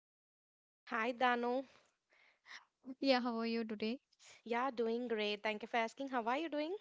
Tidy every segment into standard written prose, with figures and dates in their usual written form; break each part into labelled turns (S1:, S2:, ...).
S1: Vidya.
S2: Hi, Danu.
S1: Yeah, how are you today?
S2: Yeah, doing great. Thank you for asking. How are you doing?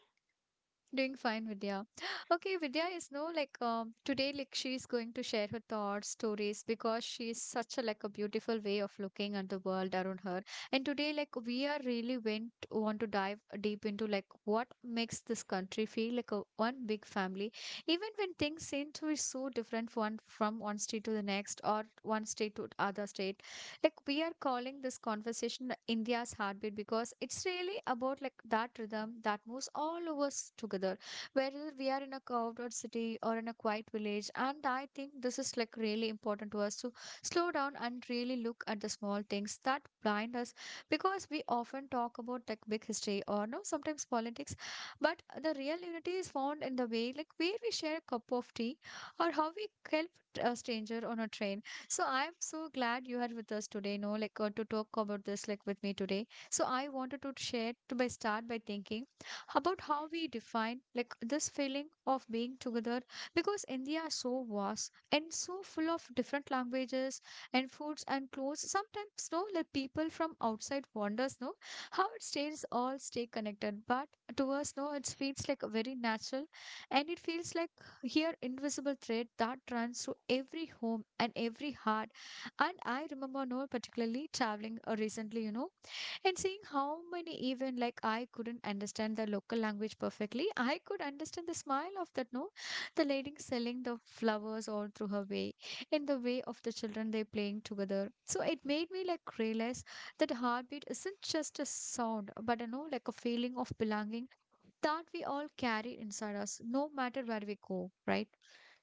S1: Doing fine, Vidya. Okay, Vidya is no like today like she's going to share her thoughts, stories because she is such a like a beautiful way of looking at the world around her. And today like we are really went want to dive deep into like what makes this country feel like a one big family, even when things seem to be so different one from one state to the next or one state to other state. Like we are calling this conversation India's heartbeat because it's really about like that rhythm that moves all of us together, whether we are in a carved out city or in a quiet village. And I think this is like really important to us to slow down and really look at the small things that blind us, because we often talk about like big history or no sometimes politics, but the real unity is found in the way like where we share a cup of tea or how we help a stranger on a train. So I'm so glad you are with us today, no, like to talk about this like with me today. So I wanted to share to by start by thinking about how we define like this feeling of being together, because India is so vast and so full of different languages and foods and clothes. Sometimes no like people from outside wonders no how it stays all stay connected. But to us no it feels like very natural, and it feels like here invisible thread that runs through every home and every heart. And I remember no particularly traveling recently, you know, and seeing how many even like I couldn't understand the local language perfectly, I could understand the smile of that, no, the lady selling the flowers all through her way, in the way of the children they playing together. So it made me like realize that heartbeat isn't just a sound but you know like a feeling of belonging that we all carry inside us no matter where we go, right?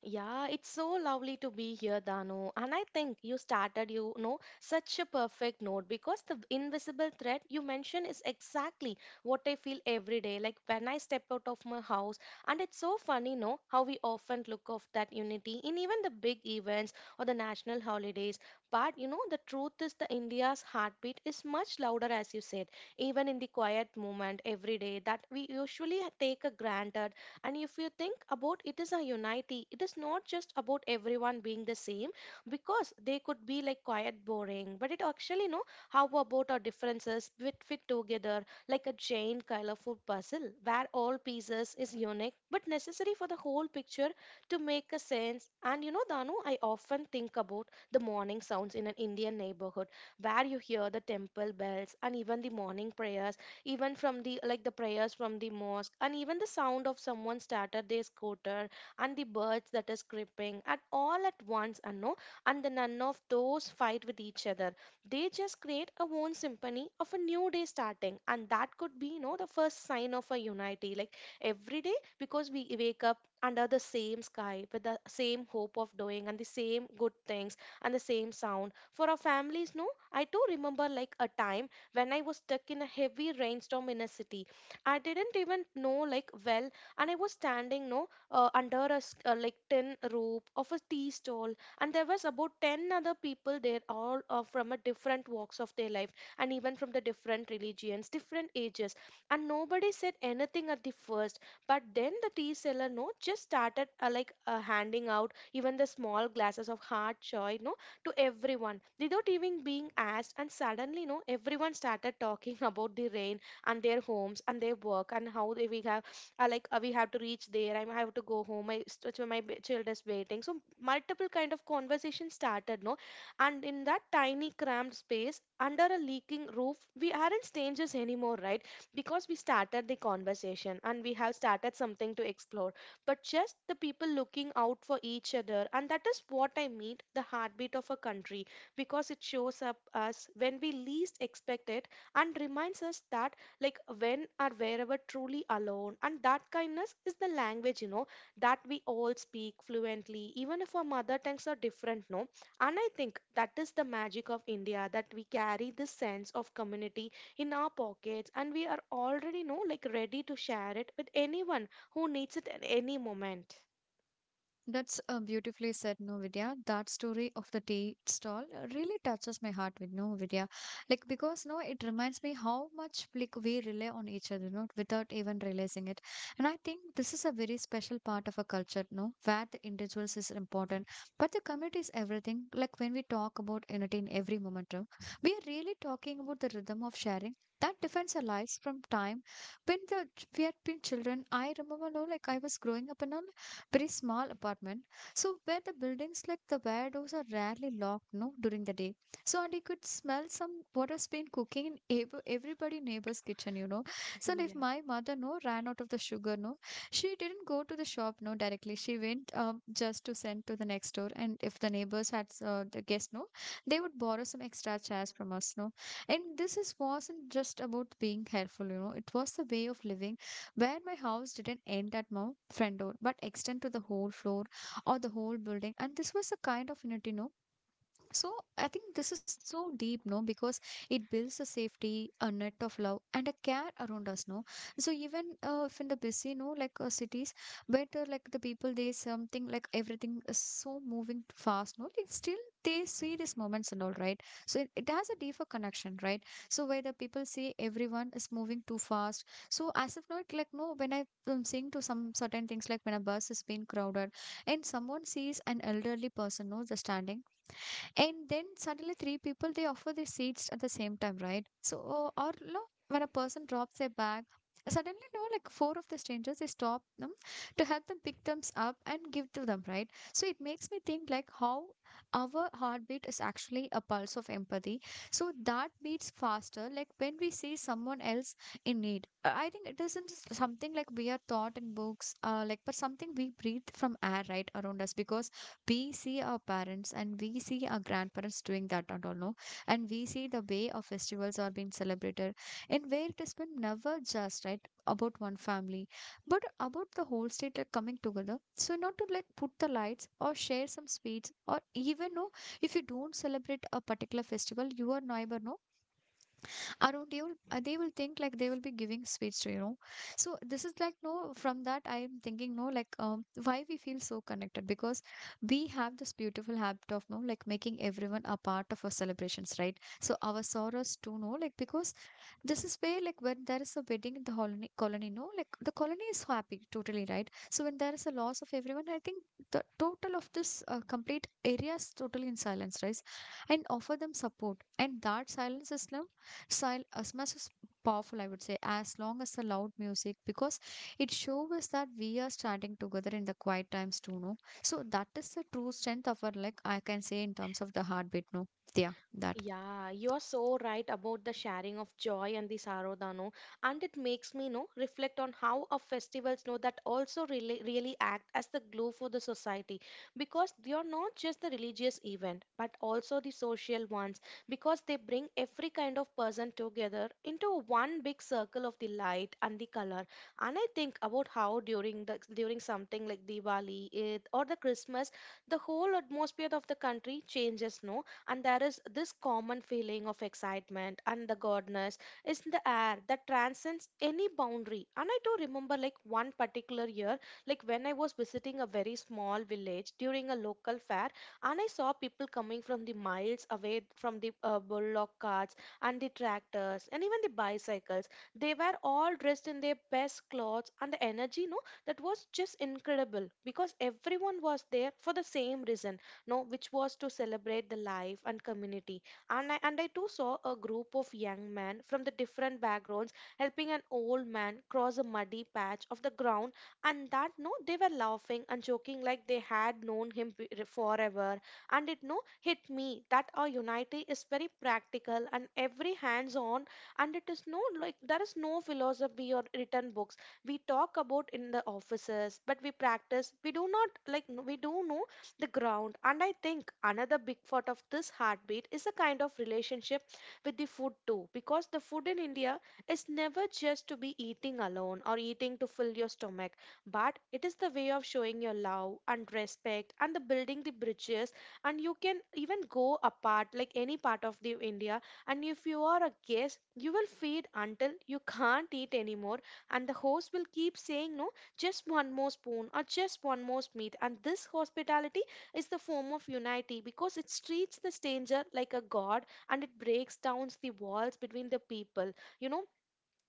S2: Yeah, it's so lovely to be here, Dano. And I think you started, you know, such a perfect note because the invisible thread you mentioned is exactly what I feel every day. Like when I step out of my house, and it's so funny, no, how we often look of that unity in even the big events or the national holidays. But you know, the truth is the India's heartbeat is much louder, as you said, even in the quiet moment every day that we usually take a granted. And if you think about it is a unity, it is not just about everyone being the same because they could be like quite boring, but it actually know how about our differences fit together like a giant colorful puzzle where all pieces is unique but necessary for the whole picture to make a sense. And you know, Danu, I often think about the morning sounds in an Indian neighborhood where you hear the temple bells and even the morning prayers even from the like the prayers from the mosque and even the sound of someone started their scooter and the birds that is creeping at all at once, and no, and the none of those fight with each other. They just create a own symphony of a new day starting, and that could be, you know, the first sign of a unity like every day because we wake up under the same sky with the same hope of doing and the same good things and the same sound for our families, no. I do remember like a time when I was stuck in a heavy rainstorm in a city. I didn't even know like well, and I was standing no under a like tin roof of a tea stall, and there was about ten other people there, all from a different walks of their life, and even from the different religions, different ages, and nobody said anything at the first. But then the tea seller no just started like handing out even the small glasses of hard choy, no, to everyone without even being asked. And suddenly, you know, everyone started talking about the rain and their homes and their work and how they, we have, like, we have to reach there. I have to go home. My child is waiting. So multiple kind of conversation started, no, and in that tiny cramped space under a leaking roof, we aren't strangers anymore, right? Because we started the conversation and we have started something to explore but just the people looking out for each other. And that is what I mean the heartbeat of a country because it shows up us when we least expect it and reminds us that like when or wherever truly alone, and that kindness is the language, you know, that we all speak fluently even if our mother tongues are different, no. And I think that is the magic of India that we carry this sense of community in our pockets, and we are already no, like ready to share it with anyone who needs it at any moment.
S1: That's a beautifully said, no Vidya. That story of the tea stall really touches my heart with no Vidya. Like because no, it reminds me how much like we rely on each other, no, without even realizing it. And I think this is a very special part of a culture, no, where the individuals is important, but the community is everything. Like when we talk about unity in every moment, no, we are really talking about the rhythm of sharing. That defines our lives from time when the we had been children. I remember, no, like I was growing up and all pretty small apartment. So where the buildings like the windows are rarely locked, no, during the day. So and you could smell some what has been cooking in everybody neighbor's kitchen, you know. So and if
S2: Yeah.
S1: my mother no ran out of the sugar, no, she didn't go to the shop no directly. She went just to send to the next door. And if the neighbors had the guest no, they would borrow some extra chairs from us, no. And this is wasn't just about being helpful, you know. It was the way of living where my house didn't end at my front door but extend to the whole floor or the whole building, and this was a kind of, you know, so I think this is so deep, no, because it builds a safety, a net of love, and a care around us, no. So even if in the busy, no, like cities, where like the people, they something like everything is so moving fast, no. Like still they see these moments and all, right? So it has a deeper connection, right? So where the people say everyone is moving too fast, so as if not like no, when I am seeing to some certain things like when a bus is being crowded, and someone sees an elderly person, no, just standing, and then suddenly three people they offer their seats at the same time, right? So or no, when a person drops their bag, suddenly no, like four of the strangers they stop them to help them pick them up and give to them, right? So it makes me think like how our heartbeat is actually a pulse of empathy. So that beats faster, like when we see someone else in need. I think it isn't something like we are taught in books, like but something we breathe from air right around us, because we see our parents and we see our grandparents doing that and all no, and we see the way our festivals are being celebrated in where it has been never just right about one family but about the whole state like coming together, so not to like put the lights or share some sweets or even no if you don't celebrate a particular festival your neighbor no around you, they will think like they will be giving sweets, to you know. So this is like no. From that, I am thinking no, like why we feel so connected, because we have this beautiful habit of no, like making everyone a part of our celebrations, right? So our sorrows too, no, like because this is where like when there is a wedding in the colony no like the colony is happy totally, right? So when there is a loss of everyone, I think the total of this complete area is totally in silence, right, and offer them support. And that silence is now style as much as powerful, I would say, as long as the loud music, because it shows us that we are standing together in the quiet times too, no? So that is the true strength of our, like, I can say in terms of the heartbeat, no? Yeah, that.
S2: Yeah, you are so right about the sharing of joy and the sorrow, Dano. And it makes me know reflect on how our festivals know that also really act as the glue for the society because they are not just the religious event but also the social ones because they bring every kind of person together into one big circle of the light and the color. And I think about how during the during something like Diwali, Eid, or the Christmas, the whole atmosphere of the country changes, no? And there is this common feeling of excitement and the godness is in the air that transcends any boundary. And I do remember like one particular year like when I was visiting a very small village during a local fair, and I saw people coming from the miles away from the bullock carts and the tractors and even the bicycles. They were all dressed in their best clothes, and the energy no, that was just incredible because everyone was there for the same reason, no, which was to celebrate the life and community. And I too saw a group of young men from the different backgrounds helping an old man cross a muddy patch of the ground. And that no, they were laughing and joking like they had known him forever. And it no hit me that our unity is very practical and every hands on. And it is no like there is no philosophy or written books we talk about in the offices, but we practice we do not like we do know the ground. And I think another big part of this heartbeat is a kind of relationship with the food too, because the food in India is never just to be eating alone or eating to fill your stomach, but it is the way of showing your love and respect and the building the bridges. And you can even go apart like any part of the India. And if you are a guest, you will feed until you can't eat anymore, and the host will keep saying no just one more spoon or just one more meat. And this hospitality is the form of unity because it treats the stranger like a god, and it breaks down the walls between the people. You know,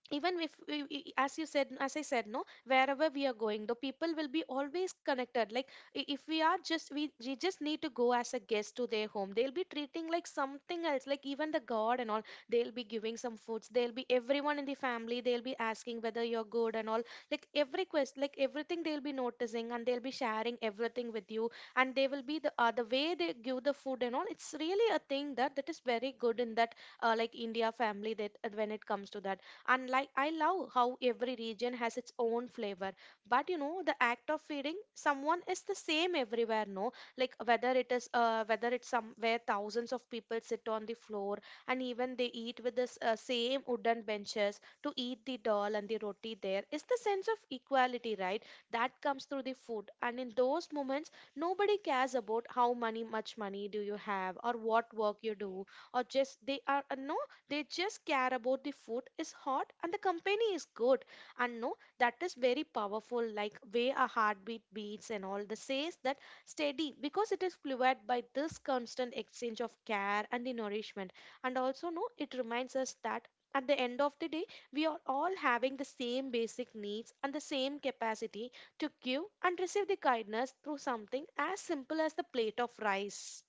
S2: even if as you said as I said no wherever we are going the people will be always connected like if we are just we just need to go as a guest to their home, they'll be treating like something else like even the god and all. They'll be giving some foods, they'll be everyone in the family they'll be asking whether you're good and all, like every quest like everything they'll be noticing, and they'll be sharing everything with you. And they will be the way they give the food and all, it's really a thing that is very good in that like India family that when it comes to that. And like I love how every region has its own flavor, but you know the act of feeding someone is the same everywhere, no, like whether it is whether it's somewhere thousands of people sit on the floor and even they eat with the same wooden benches to eat the dal and the roti. There is the sense of equality, right, that comes through the food. And in those moments nobody cares about how money much money do you have or what work you do, or just they are no, they just care about the food is hot and the company is good. And no, that is very powerful, like way a heartbeat beats and all. The says that steady because it is fueled by this constant exchange of care and the nourishment. And also, no, it reminds us that at the end of the day, we are all having the same basic needs and the same capacity to give and receive the kindness through something as simple as the plate of rice.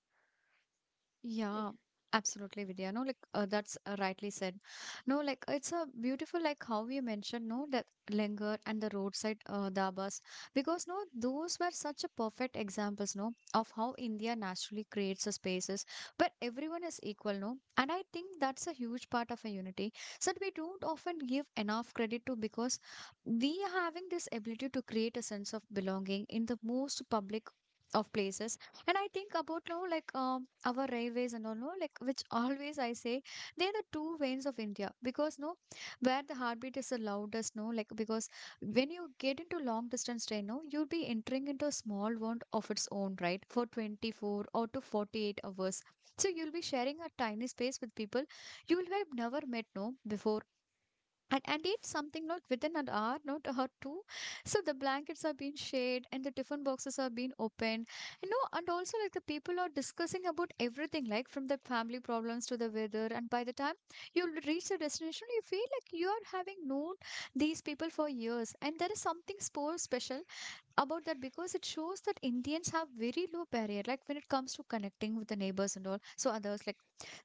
S1: Yeah, absolutely, Vidya. No, like that's rightly said. No, like it's a beautiful, like how you mentioned, no, that Lenger and the roadside dabas, because no, those were such a perfect examples, no, of how India naturally creates the spaces where everyone is equal, no, and I think that's a huge part of a unity that we don't often give enough credit to, because we are having this ability to create a sense of belonging in the most public of places. And I think about now like our railways and all no like which always I say they're the two veins of India, because no where the heartbeat is the loudest, no, like, because when you get into long distance train no you'll be entering into a small world of its own right for 24 or to 48 hours. So you'll be sharing a tiny space with people you will have never met no before. And it's something not within an hour, not a hour two. So the blankets are being shared and the different boxes are being opened. You know, and also like the people are discussing about everything, like from the family problems to the weather. And by the time you reach the destination, you feel like you are having known these people for years. And there is something so special about that, because it shows that Indians have very low barrier, like when it comes to connecting with the neighbors and all, so others like,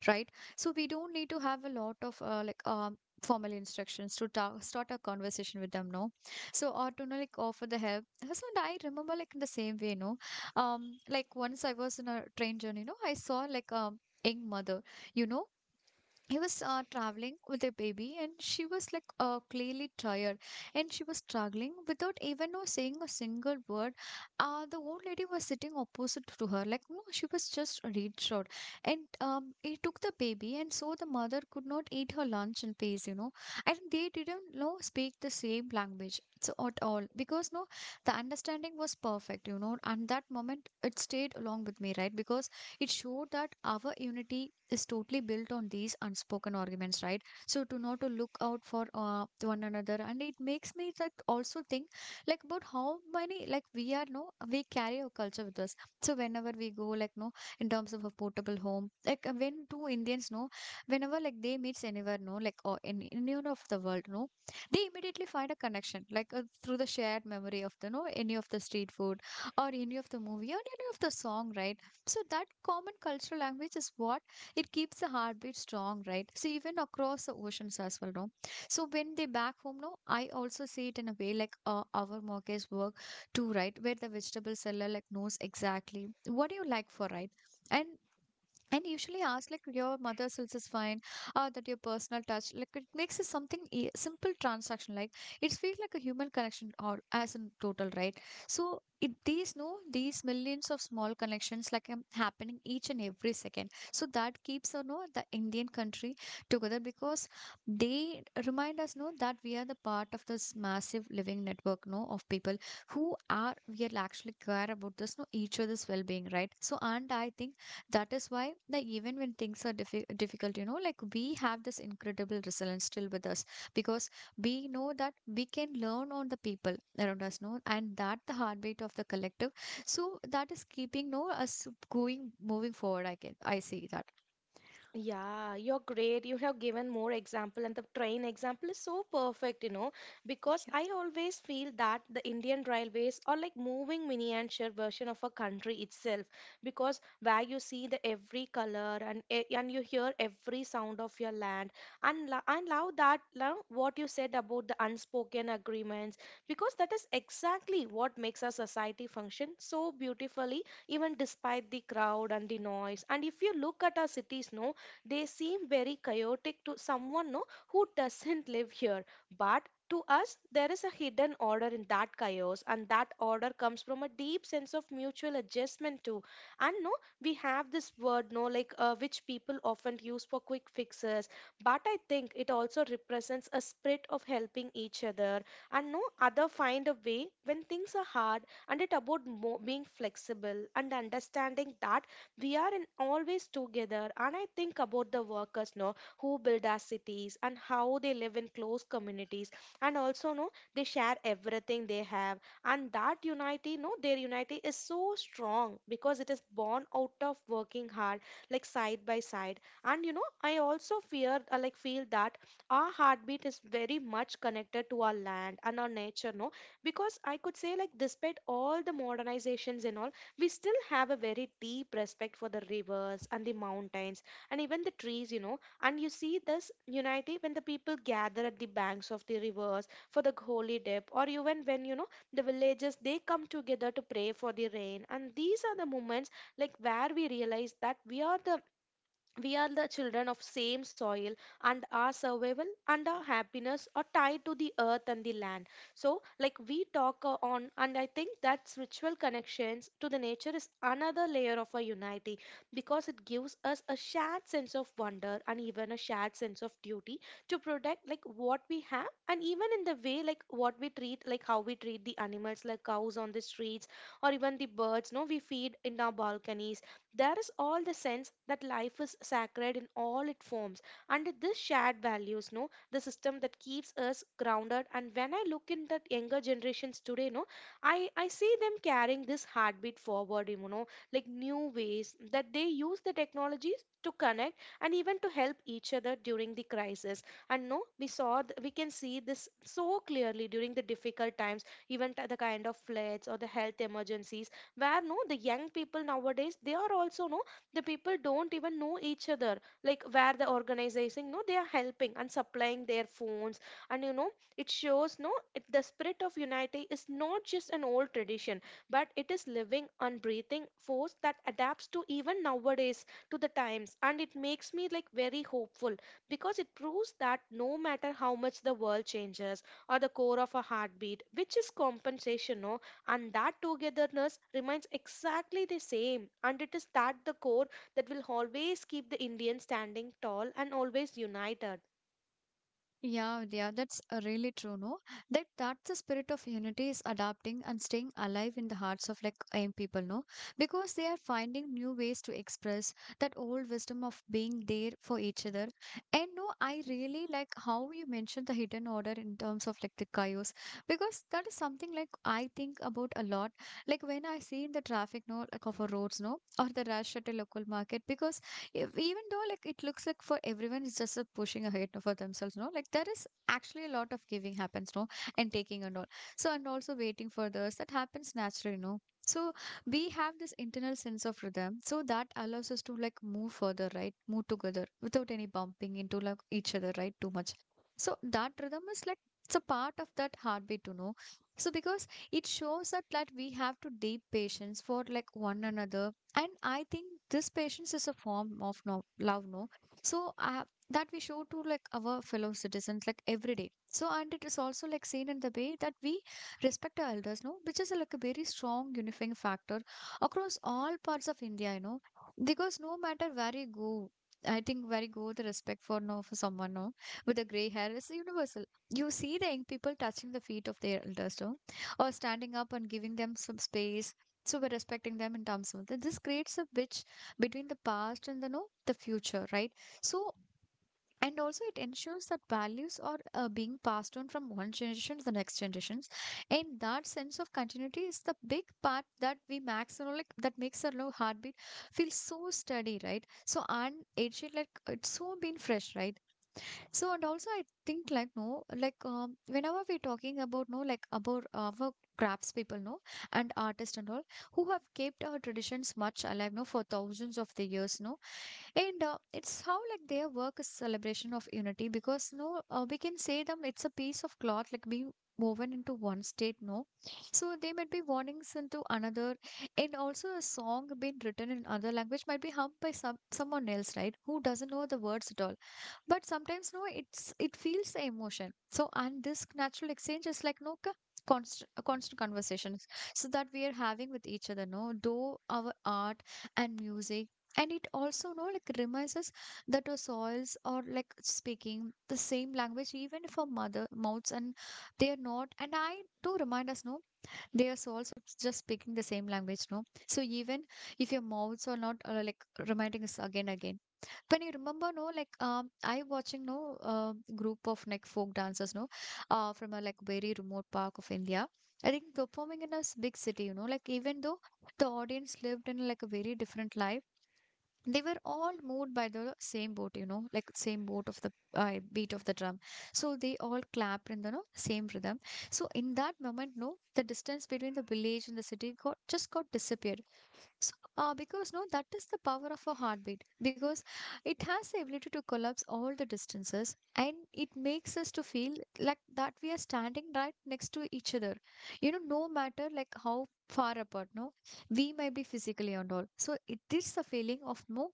S1: right? So we don't need to have a lot of like formal instructions to start a conversation with them, no? So or to know, like offer the help. So and I remember like in the same way, no, like once I was in a train journey, no, I saw like young mother, you know, he was traveling with a baby and she was like clearly tired, and she was struggling without even saying a single word. Uh, the old lady was sitting opposite to her like no she was just reached out and he took the baby and so the mother could not eat her lunch in peace, you know. And they didn't know speak the same language so at all, because no the understanding was perfect, you know. And that moment it stayed along with me, right, because it showed that our unity is totally built on these unspoken arguments, right? So to not to look out for one another, and it makes me like also think like about how many like we are no we carry our culture with us. So whenever we go like no, in terms of a portable home, like when two Indians know, whenever like they meets anywhere no, like or in any of the world no, they immediately find a connection like through the shared memory of the no any of the street food or any of the movie or any of the song, right? So that common cultural language is what it keeps the heartbeat strong, right? So even across the oceans as well, no. So when they back home, no, I also see it in a way like our mortgage work too, right? Where the vegetable seller like knows exactly what do you like for, right? And and usually ask like your mother says is fine or that your personal touch like it makes it something simple transaction, like it feels like a human connection or as in total, right? So it these no these millions of small connections like happening each and every second, so that keeps, you know, the indian country together, because they remind us no that we are the part of this massive living network no of people who are we are actually care about this no each other's well-being, right? So and I think that is why that even when things are difficult, you know, like we have this incredible resilience still with us, because we know that we can learn on the people around us no, and that the heartbeat of the collective, so that is keeping no us going moving forward, I can I see that.
S2: Yeah, you're great. You have given more example, and the train example is so perfect, you know, because I always feel that the Indian railways are like moving miniature version of a country itself, because where you see the every color and and you hear every sound of your land, and love what you said about the unspoken agreements, because that is exactly what makes a society function so beautifully, even despite the crowd and the noise. And if you look at our cities, no, they seem very chaotic to someone no, who doesn't live here. But to us, there is a hidden order in that chaos, and that order comes from a deep sense of mutual adjustment too. And no, we have this word no, like which people often use for quick fixes, but I think it also represents a spirit of helping each other, and no other find a way when things are hard, and it about being flexible and understanding that we are in always together. And I think about the workers know who build our cities and how they live in close communities, and also know they share everything they have. And that unity no, their unity is so strong because it is born out of working hard, like side by side. And you know I also fear like feel that our heartbeat is very much connected to our land and our nature no, because I could say like despite all the modernizations and all, we still have a very deep respect for the rivers and the mountains and even the trees. And you see this unity when the people gather at the banks of the rivers for the holy dip, or even when, the villages they come together to pray for the rain. And these are the moments like where we realize that we are the children of same soil, and our survival and our happiness are tied to the earth and the land. So like we talk on, and I think that spiritual connections to the nature is another layer of our unity because it gives us a shared sense of wonder and even a shared sense of duty to protect like what we have, and even in the way like what we treat, like how we treat the animals like cows on the streets or even the birds no, we feed in our balconies. There is all the sense that life is sacred in all its forms, and this shared values, no, the system that keeps us grounded. And when I look in that younger generations today, no, I see them carrying this heartbeat forward, you know, like new ways that they use the technologies to connect and even to help each other during the crisis. And no, we we can see this so clearly during the difficult times, even the kind of floods or the health emergencies where no, the young people nowadays they are also no, the people don't even know each other, like where the organizing no, they are helping and supplying their phones. And it shows no, it, the spirit of unity is not just an old tradition, but it is living and breathing force that adapts to even nowadays, to the times. And it makes me like very hopeful because it proves that no matter how much the world changes, or the core of a heartbeat which is compensation no, and that togetherness remains exactly the same, and it is that the core that will always keep the Indians standing tall and always united.
S1: Yeah, yeah, that's really true, no? That's the spirit of unity is adapting and staying alive in the hearts of like AIM people, no? Because they are finding new ways to express that old wisdom of being there for each other. And no, I really like how you mentioned the hidden order in terms of like the chaos, because that is something like I think about a lot. Like when I see in the traffic, no, like of a roads, no, or the rush at a local market, because if, even though like it looks like for everyone it's just a pushing ahead for themselves, no, like there is actually a lot of giving happens, no, and taking and all. So and also waiting for this that happens naturally, no. So we have this internal sense of rhythm, so that allows us to like move further, right? Move together without any bumping into like each other, right? Too much. So that rhythm is like it's a part of that heartbeat, to know. So because it shows that we have to deep patience for like one another, and I think this patience is a form of, no, love, no. So that we show to like our fellow citizens like every day, so and it is also like seen in the way that we respect our elders no, which is like a very strong unifying factor across all parts of india, you know. Because no matter where you go, I think where you go, the respect for no for someone no with a grey hair is universal. You see the young people touching the feet of their elders, no? Or standing up and giving them some space, so we're respecting them in terms of that. This creates a bridge between the past and the no the future, right? So and also it ensures that values are being passed on from one generation to the next generations, and that sense of continuity is the big part that we max, you know, like that makes our low heartbeat feel so steady, right? So and it should like it's so been fresh, right? So and also I think like no like whenever we're talking about no like about our crafts people no and artists and all, who have kept our traditions much alive no for thousands of the years, no. And it's how like their work is celebration of unity, because no, we can say them it's a piece of cloth like being woven into one state, no. So they might be warnings into another, and also a song being written in other language might be hummed by someone else, right? Who doesn't know the words at all. But sometimes no, it's it feels the emotion. So and this natural exchange is like no. Constant, constant conversations so that we are having with each other no though our art and music, and it also know like reminds us that our soils are like speaking the same language even if our mother mouths and they are not, and I do remind us no, their souls are just speaking the same language no, so even if your mouths are not like reminding us again again. When you remember no like I watching no, group of like folk dancers no, from a like very remote park of india, I think performing in a big city, you know, like even though the audience lived in like a very different life, they were all moved by the same boat, you know, like same boat of the beat of the drum, so they all clapped in the no, same rhythm. So in that moment no the distance between the village and the city got just got disappeared. So, because no, that is the power of a heartbeat, because it has the ability to collapse all the distances and it makes us to feel like that we are standing right next to each other. You know, no matter like how far apart, no, we might be physically and all. So it is a feeling of no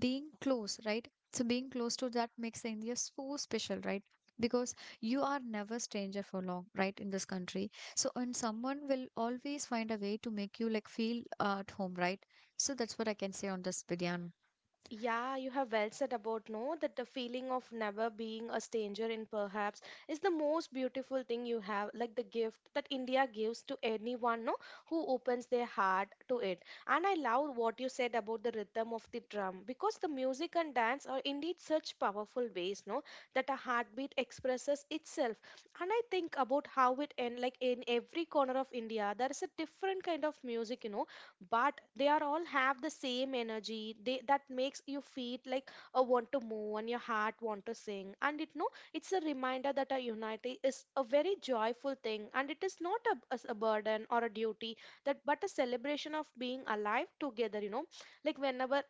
S1: being close, right? So being close to that makes India so special, right? Because you are never stranger for long, right? In this country, so, and someone will always find a way to make you like feel at home, right? So that's what I can say on this, Vidyan.
S2: Yeah, you have well said about no, that the feeling of never being a stranger in perhaps is the most beautiful thing you have, like the gift that India gives to anyone no, who opens their heart to it. And I love what you said about the rhythm of the drum because the music and dance are indeed such powerful ways no, that a heartbeat expresses itself. And I think about how it end, like in every corner of India there is a different kind of music, you know, but they are all have the same energy, they that makes you feel like a want to move and your heart want to sing. And it no, it's a reminder that our unity is a very joyful thing, and it is not a, as a burden or a duty that, but a celebration of being alive together, you know, like whenever,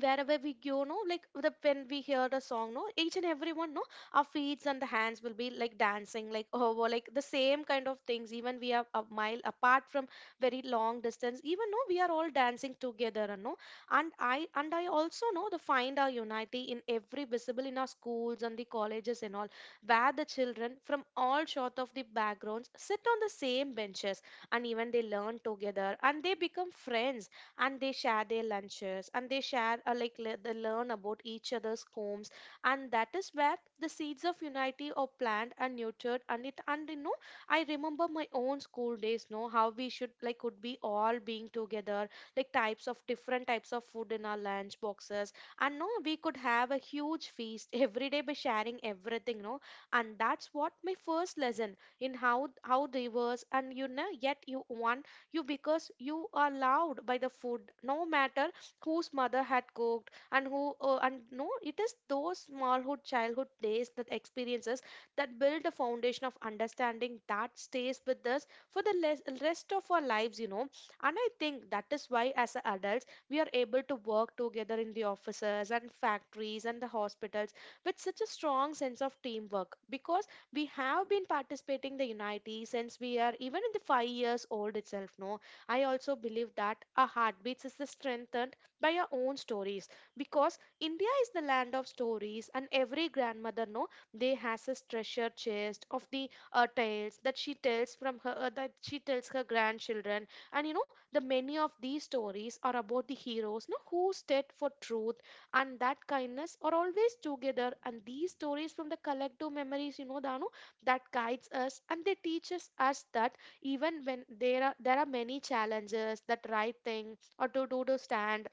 S2: wherever we go no, like the, when we hear the song no, each and everyone no, our feet and the hands will be like dancing like oh well, like the same kind of things, even we are a mile apart from very long distance, even no, we are all dancing together. And no, and I also know the find our unity in every visible in our schools and the colleges and all, where the children from all sort of the backgrounds sit on the same benches, and even they learn together and they become friends, and they share their lunches, and they share like they learn about each other's homes. And that is where the seeds of unity are planted and nurtured. And it, and you know, I remember my own school days, know how we should like could be all being together, like types of different types of food in our lunch boxes. And no, we could have a huge feast every day by sharing everything no, and that's what my first lesson in how diverse, and you know yet you one, you because you are loved by the food, no matter whose mother had cooked and who and no, it is those smallhood childhood days that experiences that build a foundation of understanding that stays with us for the rest of our lives, you know. And I think that is why as a adults we are able to work together in the offices and factories and the hospitals with such a strong sense of teamwork, because we have been participating the unity since we are even in the 5 years old itself no. I also believe that our heartbeats is the strengthened by our own stories, because India is the land of stories, and every grandmother no, they has this treasure chest of the tales that she tells from her that she tells her grandchildren. And you know the many of these stories are about the heroes no, who stood for truth, and that kindness are always together. And these stories from the collective memories, you know Danu, that guides us and they teaches us that even when there are many challenges, that right thing or to do to stand,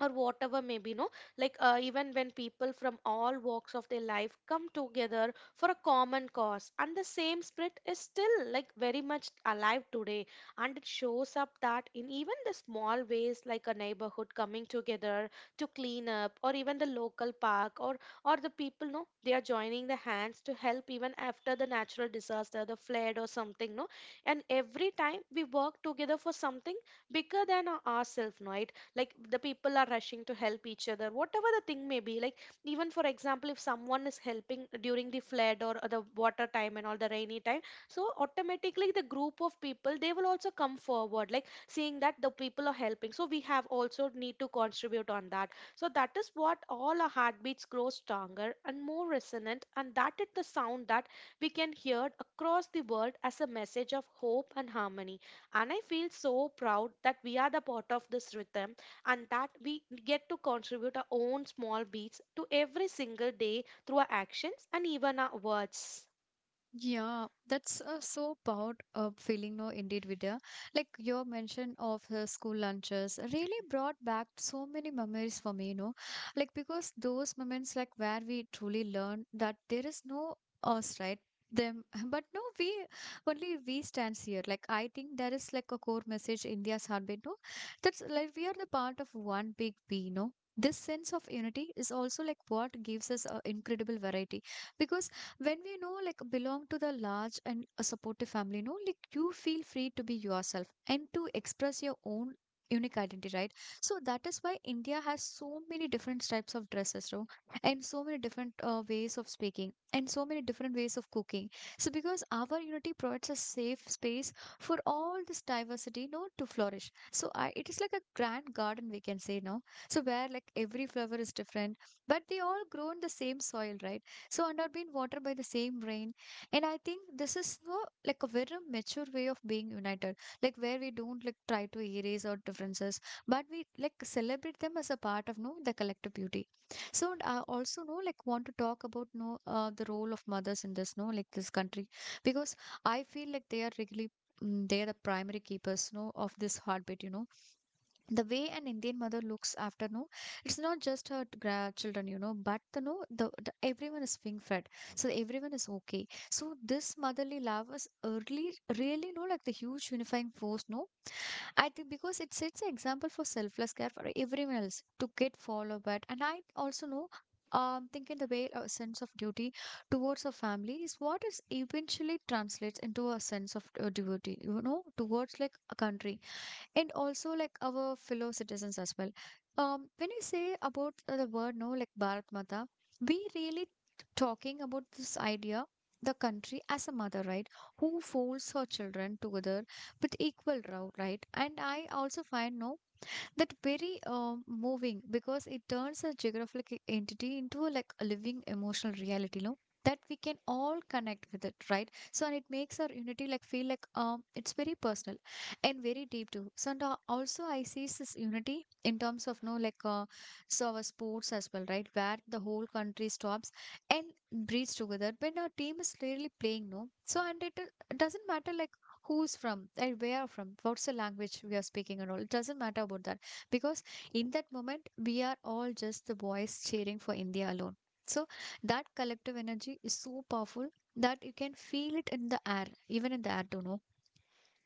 S2: or whatever maybe no, like even when people from all walks of their life come together for a common cause, and the same spirit is still like very much alive today. And it shows up that in even the small ways, like a neighborhood coming together to clean up or even the local park, or the people no, they are joining the hands to help even after the natural disaster, the flood or something no. And every time we work together for something bigger than our ourselves, right, like the people are rushing to help each other whatever the thing may be, like even for example if someone is helping during the flood or the water time and all the rainy time, so automatically the group of people they will also come forward, like seeing that the people are helping, so we have also need to contribute on that. So that is what all our heartbeats grow stronger and more resonant, and that is the sound that we can hear across the world as a message of hope and harmony. And I feel so proud that we are the part of this rhythm, and that we get to contribute our own small beats to every single day through our actions and even our words.
S1: Yeah, that's so proud of feeling, no, indeed, Vidya. Like your mention of school lunches really brought back so many memories for me, you know. Like because those moments, like where we truly learn that there is no us, right? Them, but no, we only we stands here. Like I think there is like a core message India's heartbeat, no. That's like we are the part of one big we, no. This sense of unity is also like what gives us incredible variety, because when we know like belong to the large and a supportive family no, like you feel free to be yourself and to express your own unique identity, right? So that is why india has so many different types of dresses, no? And so many different ways of speaking and so many different ways of cooking. So because our unity provides a safe space for all this diversity no to flourish, so I, it is like a grand garden we can say, no. So where like every flower is different, but they all grow in the same soil, right? So and not being watered by the same rain. And I think this is no like a very mature way of being united, like where we don't like try to erase our differences, but we like celebrate them as a part of no the collective beauty. So and I also know like want to talk about no the role of mothers in this no like this country, because I feel like they are really they are the primary keepers no of this heartbeat, you know. The way an indian mother looks after no, it's not just her children, you know, but the no the, the everyone is being fed, so everyone is okay. So this motherly love is early really no like the huge unifying force, no. I think because it sets an example for selfless care for everyone else to get followed by it. And I also know thinking the way a sense of duty towards a family is what is eventually translates into a sense of duty, you know, towards like a country, and also like our fellow citizens as well. When you say about the word no, like Bharat Mata, we really talking about this idea, the country as a mother, right? Who folds her children together with equal row, right? And I also find no that very moving because it turns a geographic entity into like a living emotional reality no that we can all connect with it right. So and it makes our unity like feel like it's very personal and very deep too. So and also I see this unity in terms of no like so our sports as well, right, where the whole country stops and breathes together when our team is clearly playing no. So and it doesn't matter like who's from and where are from, what's the language we are speaking and all, it doesn't matter about that because in that moment we are all just the boys cheering for India alone. So that collective energy is so powerful that you can feel it in the air, even in the air, don't know.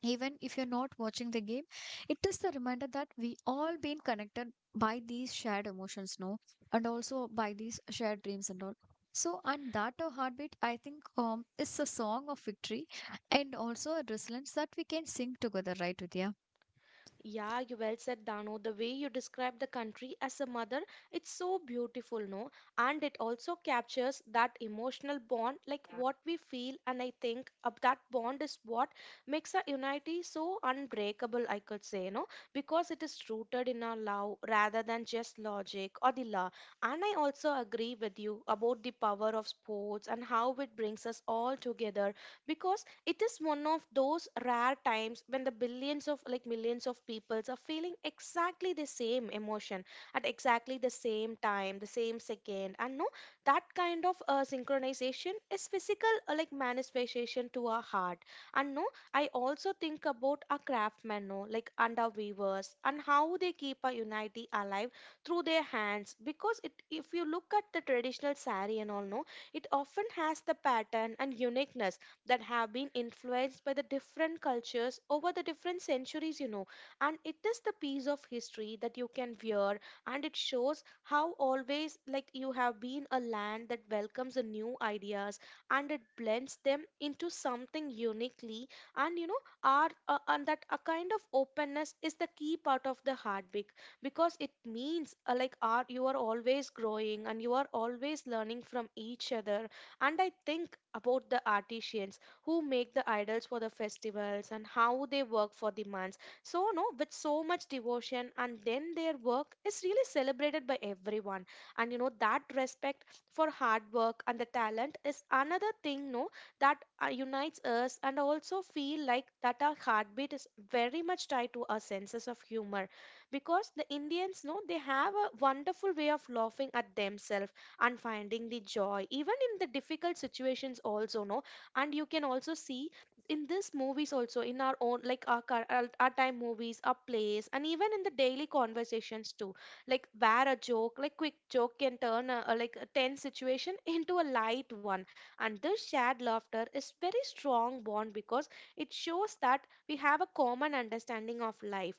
S1: Even if you're not watching the game, it is the reminder that we all been connected by these shared emotions, no, and also by these shared dreams and all. So, and that a heartbeat, I think, is a song of victory and also a resilience that we can sing together, right, Vidya?
S2: Yeah, you well said, Dano. The way you describe the country as a mother, it's so beautiful, no? And it also captures that emotional bond, like what we feel. And I think of that bond is what makes our unity so unbreakable, I could say, no? Because it is rooted in our love rather than just logic or the law. And I also agree with you about the power of sports and how it brings us all together because it is one of those rare times when the billions of like millions of peoples are feeling exactly the same emotion at exactly the same time, the same second. And no, that kind of synchronization is physical like manifestation to our heart. And no, I also think about our craftsmen no, like and our weavers and how they keep our unity alive through their hands, because it if you look at the traditional sari and all no, it often has the pattern and uniqueness that have been influenced by the different cultures over the different centuries, you know. And it is the piece of history that you can wear, and it shows how always, like, you have been a land that welcomes the new ideas and it blends them into something uniquely. And, you know, our, and that a kind of openness is the key part of the heartbeat because it means like art you are always growing and you are always learning from each other. And I think about the artisans who make the idols for the festivals and how they work for the months. So, no, with so much devotion, and then their work is really celebrated by everyone. And that respect for hard work and the talent is another thing, no, that unites us, and also feel like that our heartbeat is very much tied to our senses of humor because the Indians know they have a wonderful way of laughing at themselves and finding the joy even in the difficult situations also, no. And you can also see in this movies, also in our own like our, our time movies, our plays, and even in the daily conversations too, like where a joke, like quick joke, can turn a like a tense situation into a light one. And this shared laughter is very strong bond because it shows that we have a common understanding of life.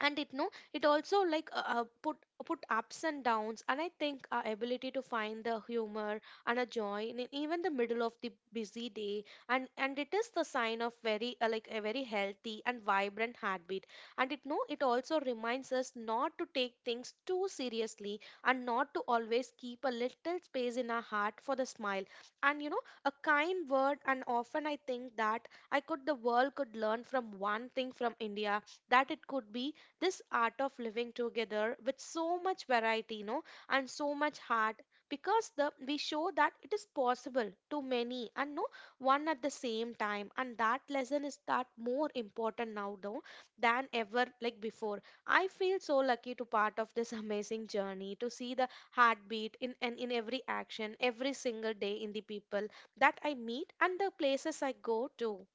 S2: And it, no, it also like put ups and downs. And I think our ability to find the humor and a joy in even the middle of the busy day, and it is the sign of very like a very healthy and vibrant heartbeat. And it, no, it also reminds us not to take things too seriously and not to always keep a little space in our heart for the smile and a kind word. And often I think that I could the world could learn from one thing from India, that it could be this art of living together with so much variety, you know, and so much heart, because the we show that it is possible to many and no one at the same time. And that lesson is that more important now though than ever like before. I feel so lucky to part of this amazing journey to see the heartbeat in and in every action every single day in the people that I meet and the places I go to.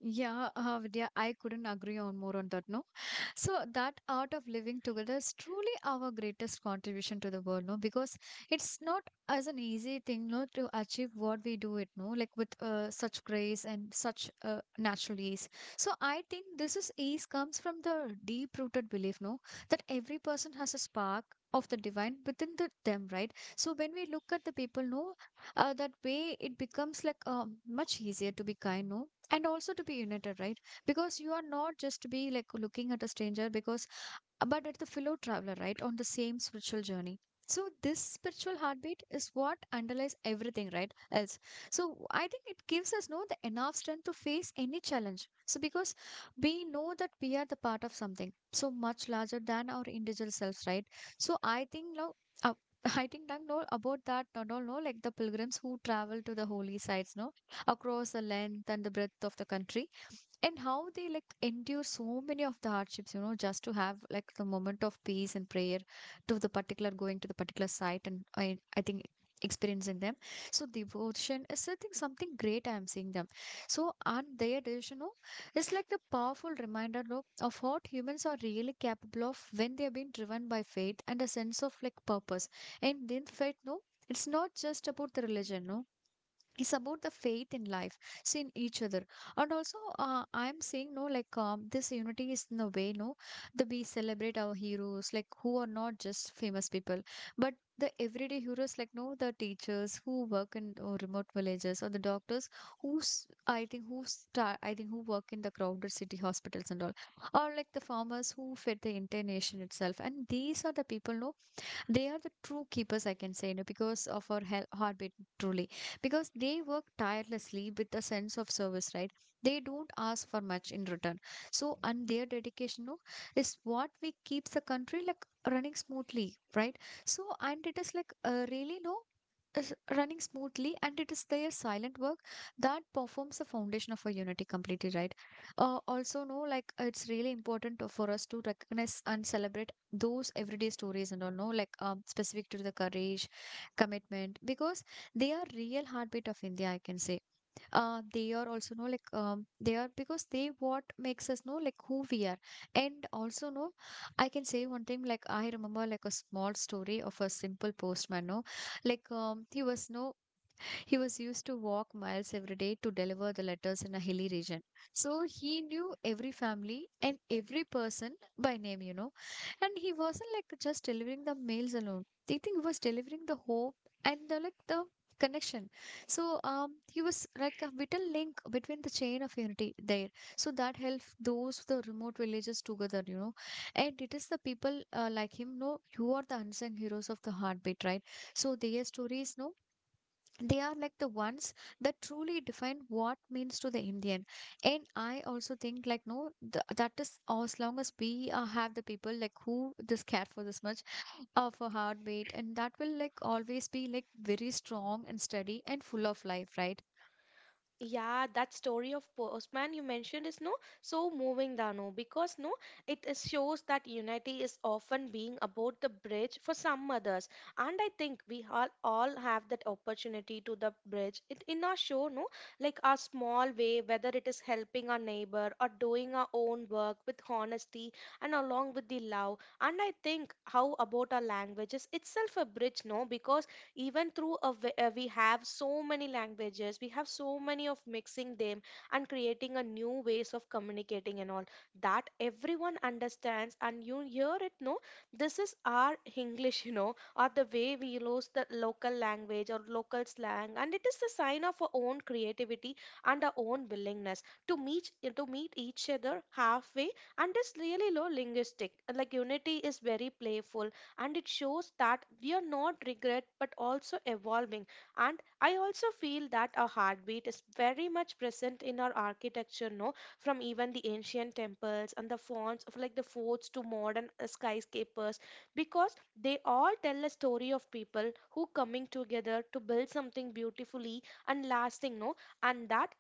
S1: Yeah, Vidya, I couldn't agree on more on that. No, so that art of living together is truly our greatest contribution to the world, no? Because it's not as an easy thing, no, to achieve what we do it, no, like with such grace and such natural ease. So I think this is ease comes from the deep-rooted belief, no, that every person has a spark of the divine within them, right? So when we look at the people, no, that way it becomes like much easier to be kind, no, and also to be united, right? Because you are not just be like looking at a stranger because but at the fellow traveler, right, on the same spiritual journey. So this spiritual heartbeat is what underlies everything right else. So I think it gives us no the enough strength to face any challenge so because we know that we are the part of something so much larger than our individual selves, right? So I think now uh, I think I know about that, not all know, like the pilgrims who travel to the holy sites, no, across the length and the breadth of the country and how they like endure so many of the hardships, you know, just to have like the moment of peace and prayer to the particular going to the particular site, and I think experiencing them so devotion is I think something great I'm seeing them so on their decision. No, it's like the powerful reminder no, of what humans are really capable of when they are being driven by faith and a sense of like purpose. And in faith no it's not just about the religion no, it's about the faith in life, so in each other. And also I'm saying no like this unity is in a way no that we celebrate our heroes like who are not just famous people but the everyday heroes like no, the teachers who work in remote villages, or the doctors who's I think who start I think who work in the crowded city hospitals and all, or like the farmers who fed the entire nation itself. And these are the people no, they are the true keepers I can say, you know, because of our heartbeat truly, because they work tirelessly with a sense of service, right, they don't ask for much in return. So and their dedication no, is what we keeps the country like running smoothly, right? So and it is like really no is running smoothly, and it is their silent work that performs the foundation of a unity completely, right? Also no, like it's really important for us to recognize and celebrate those everyday stories and all no like specific to the courage commitment because they are real heartbeat of India I can say. They are also know like they are because they what makes us know like who we are, and also know I can say one thing, like I remember like a small story of a simple postman no, like he was no, he was used to walk miles every day to deliver the letters in a hilly region. So he knew every family and every person by name, you know. And he wasn't like just delivering the mails alone. I think he was delivering the hope and the like the connection. So he was like a vital link between the chain of unity there. So that helped those the remote villages together, you know. And it is the people like him, no, who are the unsung heroes of the heartbeat, right? So their stories, no, they are like the ones that truly define what means to the Indian. And I also think like no that is as long as we have the people like who this care for this much of a heartbeat, and that will like always be like very strong and steady and full of life, right?
S2: Yeah, that story of Postman you mentioned is no so moving, Dano, because no, it is shows that unity is often being about the bridge for some others, and I think we all have that opportunity to the bridge. It in our show, no, like our small way, whether it is helping our neighbor or doing our own work with honesty and along with the love. And I think how about our languages itself a bridge, no, because even through we have so many languages, we have so many of mixing them and creating a new ways of communicating and all that everyone understands. And you hear it, no, this is our English, you know, or the way we use the local language or local slang, and it is a sign of our own creativity and our own willingness to meet each other halfway. And it's really low linguistic like unity is very playful, and it shows that we are not regret but also evolving. And I also feel that our heartbeat is very much present in our architecture, no, from even the ancient temples and the fonts of like the forts to modern skyscrapers, because they all tell a story of people who coming together to build something beautifully and lasting, no. And that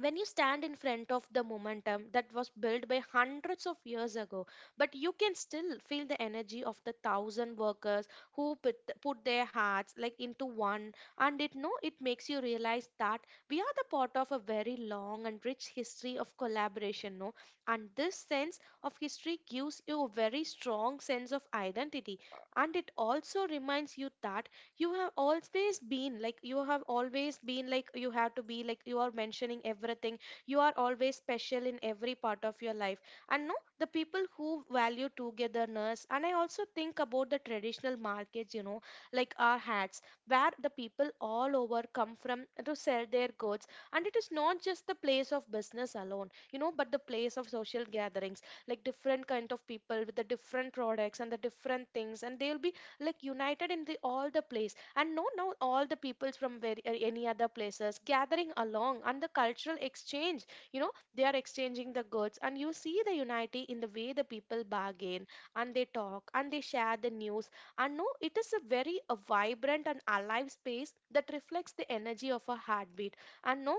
S2: when you stand in front of the momentum that was built by hundreds of years ago, but you can still feel the energy of the thousand workers who put their hearts like into one. And it, no, it makes you realize that we are the part of a very long and rich history of collaboration, no. And this sense of history gives you a very strong sense of identity. And it also reminds you that you have always been like you have always been like you have to be like you are mentioning everything, you are always special in every part of your life. And no, the people who value togetherness, and I also think about the traditional markets, you know, like our hats, where the people all over come from to sell their goods. And it is not just the place of business alone, you know, but the place of social gatherings, like different kind of people with the different products and the different things, and they'll be like united in the all the place. And no, now all the peoples from any other places gathering along and the cultural exchange, you know, they are exchanging the goods. And you see the unity in the way the people bargain and they talk and they share the news. And no, it is a very a vibrant and alive space that reflects the energy of a heartbeat. And no,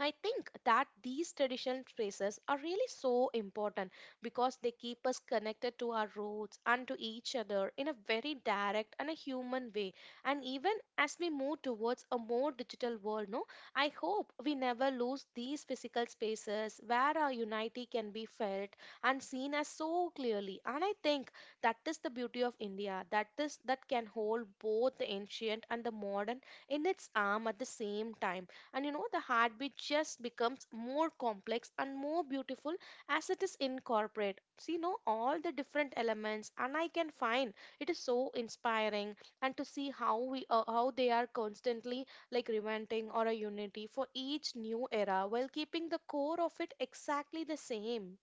S2: I think that these traditional traces are really so important because they keep us connected to our roots and to each other in a very direct and a human way. And even as we move towards a more digital world, no, I hope we never lose these physical spaces where our unity can be felt and seen as so clearly. And I think that is the beauty of India, that is that can hold both the ancient and the modern in its arm at the same time. And you know the heartbeat just becomes more complex and more beautiful as it is incorporated see you know all the different elements. And I can find it is so inspiring. And to see how they are constantly like reventing or a unity for each new era while keeping the core of it exactly the same.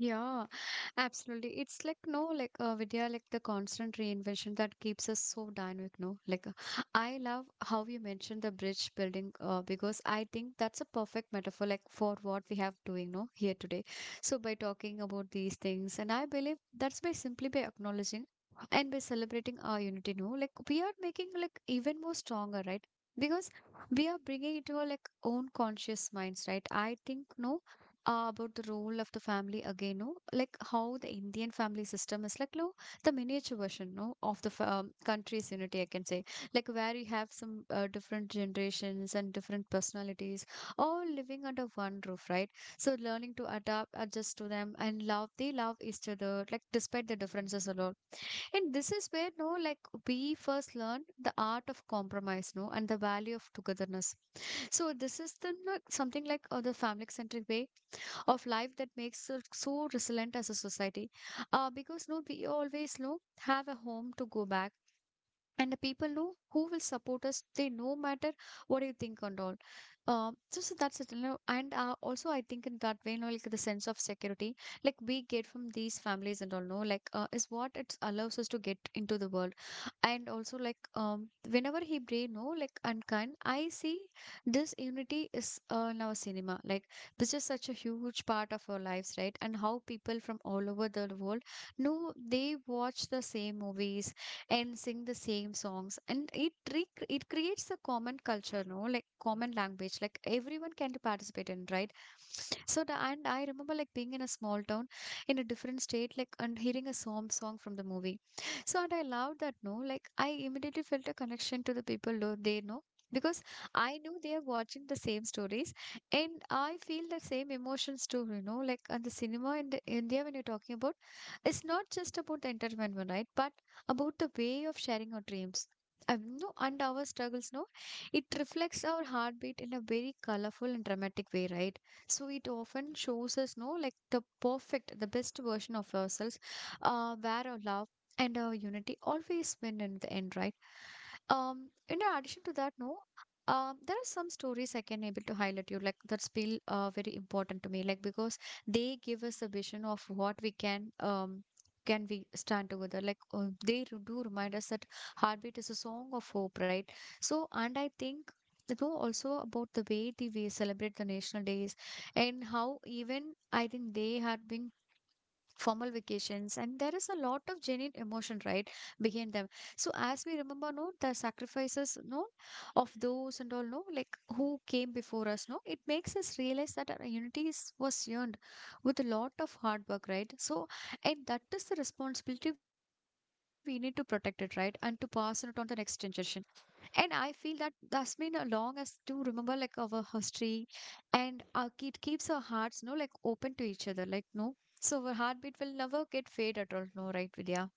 S1: Yeah, absolutely. It's like no, like Vidya, like the constant reinvention that keeps us so dynamic. No, like I love how you mentioned the bridge building because I think that's a perfect metaphor, like for what we have doing no here today. So by talking about these things, and I believe that's by simply by acknowledging and by celebrating our unity. No, like we are making like even more stronger, right? Because we are bringing it to our like own conscious minds, right? I think no about the role of the family again, no? Like how the Indian family system is like, no, the miniature version, no, of the country's unity, I can say. Like where you have some different generations and different personalities all living under one roof, right? So learning to adapt, adjust to them, and love, they love each other, like despite the differences a lot. And this is where, no, like we first learn the art of compromise, no, and the value of togetherness. So this is the like, something like the family centric way of life that makes us so resilient as a society because no we always no have a home to go back, and the people who will support us they no matter what you think and all. So, so that's it, you know. And also I think in that way you know like the sense of security like we get from these families and all no like is what it allows us to get into the world. And also like whenever he brave no, like and unkind I see this unity is in our cinema like this is such a huge part of our lives, right, and how people from all over the world know they watch the same movies and sing the same songs, and it it creates a common culture no like common language like everyone can participate in, right? So the, and I remember like being in a small town in a different state like and hearing a song from the movie. So and I loved that no like I immediately felt a connection to the people they know, because I knew they are watching the same stories, and I feel the same emotions too, you know, like. And the cinema in the India when you're talking about, it's not just about the entertainment, right, but about the way of sharing our dreams. No, and our struggles, no, it reflects our heartbeat in a very colorful and dramatic way, right? So it often shows us, no, like the perfect, the best version of ourselves, where our love and our unity always win in the end, right? In addition to that, no, there are some stories I can able to highlight you like that's feel very important to me, like because they give us a vision of what we can we stand together, like they do remind us that heartbeat is a song of hope, right? So and I think they know also about the way they, we celebrate the national days, and how even I think they had been formal vacations and there is a lot of genuine emotion, right, behind them. So as we remember no the sacrifices no of those and all no like who came before us no, it makes us realize that our unity is, was earned with a lot of hard work, right. So and that is the responsibility we need to protect it, right, and to pass it on to the next generation. And I feel that that's been long as to remember like our history and our, it keeps our hearts, no, like open to each other, like no. So our heartbeat will never get fade at all, no, right, Vidya?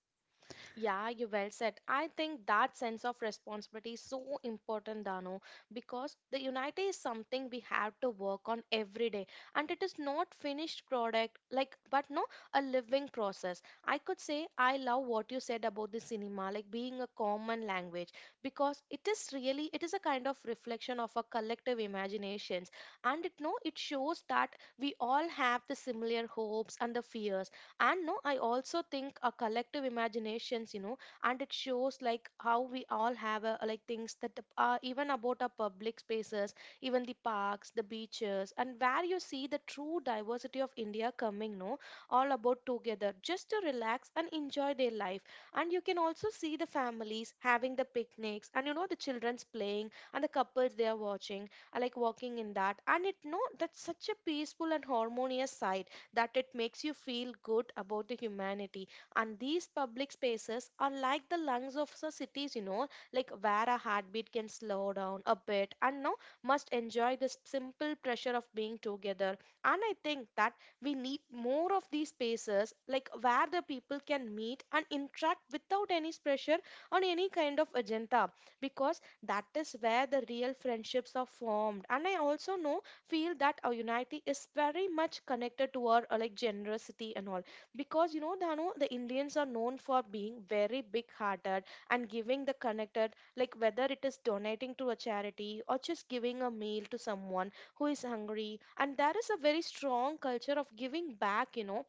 S2: Yeah, you well said. I think that sense of responsibility is so important, Dano, because the unity is something we have to work on every day, and it is not finished product, like but no, a living process. I could say I love what you said about the cinema, like being a common language, because it is really it is a kind of reflection of our collective imaginations. And it, no, it shows that we all have the similar hopes and the fears. And no, I also think a collective imaginations, you know. And it shows like how we all have a, like things that the- are even about our public spaces, even the parks, the beaches, and where you see the true diversity of India coming, no, all about together just to relax and enjoy their life. And you can also see the families having the picnics, and you know the children's playing and the couples they are watching are like walking in that. And it, no, that's such a peaceful and harmonious side that it makes you feel good about the humanity. And these public spaces are like the lungs of the cities, you know, like where a heartbeat can slow down a bit and now must enjoy this simple pressure of being together. And I think that we need more of these spaces, like where the people can meet and interact without any pressure on any kind of agenda, because that is where the real friendships are formed. And I also know feel that our unity is very much connected to our like generosity and all, because you know Dhanu, the Indians are known for being very big hearted and giving the connected, like whether it is donating to a charity or just giving a meal to someone who is hungry, and there is a very strong culture of giving back, you know.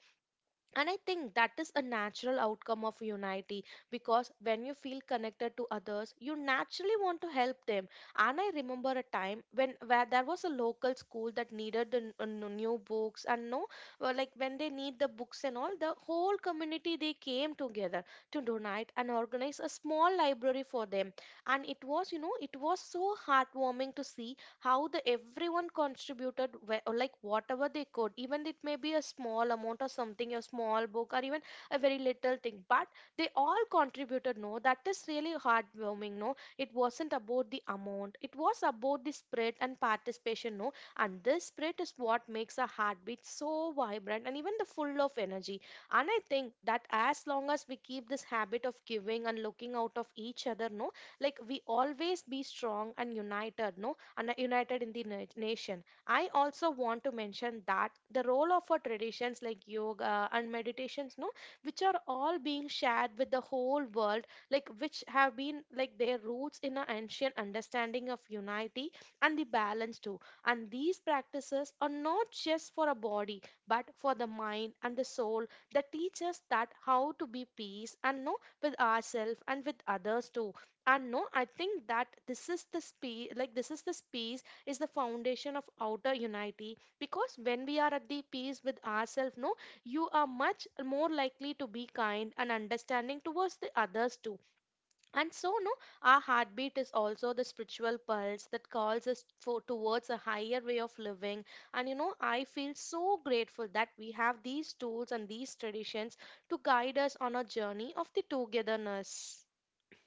S2: And I think that is a natural outcome of unity because when you feel connected to others, you naturally want to help them. And I remember a time when where there was a local school that needed the new books and no, like when they need the books and all, the whole community they came together to donate and organize a small library for them. And it was so heartwarming to see how the everyone contributed or like whatever they could, even it may be a small amount or something a small book or even a very little thing, but they all contributed, no, that is really heartwarming, no, it wasn't about the amount, it was about the spread and participation, no. And this spirit is what makes a heartbeat so vibrant and even the full of energy. And I think that as long as we keep this habit of giving and looking out of each other, no, like we always be strong and united, no, and united in the nation. I also want to mention that the role of our traditions like yoga and meditations, no, which are all being shared with the whole world, like which have been like their roots in an ancient understanding of unity and the balance too. And these practices are not just for a body, but for the mind and the soul that teach us that how to be peace and no with ourselves and with others too. And no, I think that this is the space like this is the space is the foundation of outer unity, because when we are at the peace with ourselves, no, you are much more likely to be kind and understanding towards the others too. And so, no, our heartbeat is also the spiritual pulse that calls us for towards a higher way of living. And you know I feel so grateful that we have these tools and these traditions to guide us on a journey of the togetherness.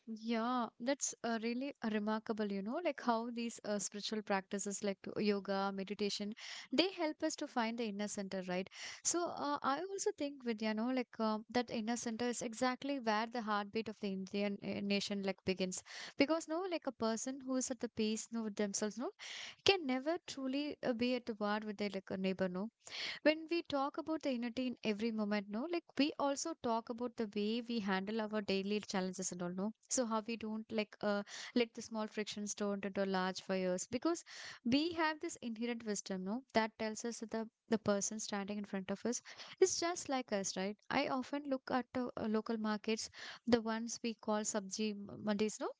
S1: Yeah, that's really remarkable, you know, like how these spiritual practices like yoga, meditation, they help us to find the inner center, right? So I also think, Vidya, you know, that inner center is exactly where the heartbeat of the Indian nation like begins. Because, no, like a person who is at the peace, no, with themselves, no, can never truly be at war with their like a neighbor, no, when we talk about the unity in every moment, no, like we also talk about the way we handle our daily challenges and all, no, so how we don't let the small frictions turn into large fires because we have this inherent wisdom, no, that tells us that the person standing in front of us is just like us, right? I often look at the local markets, the ones we call sabji mandis, no.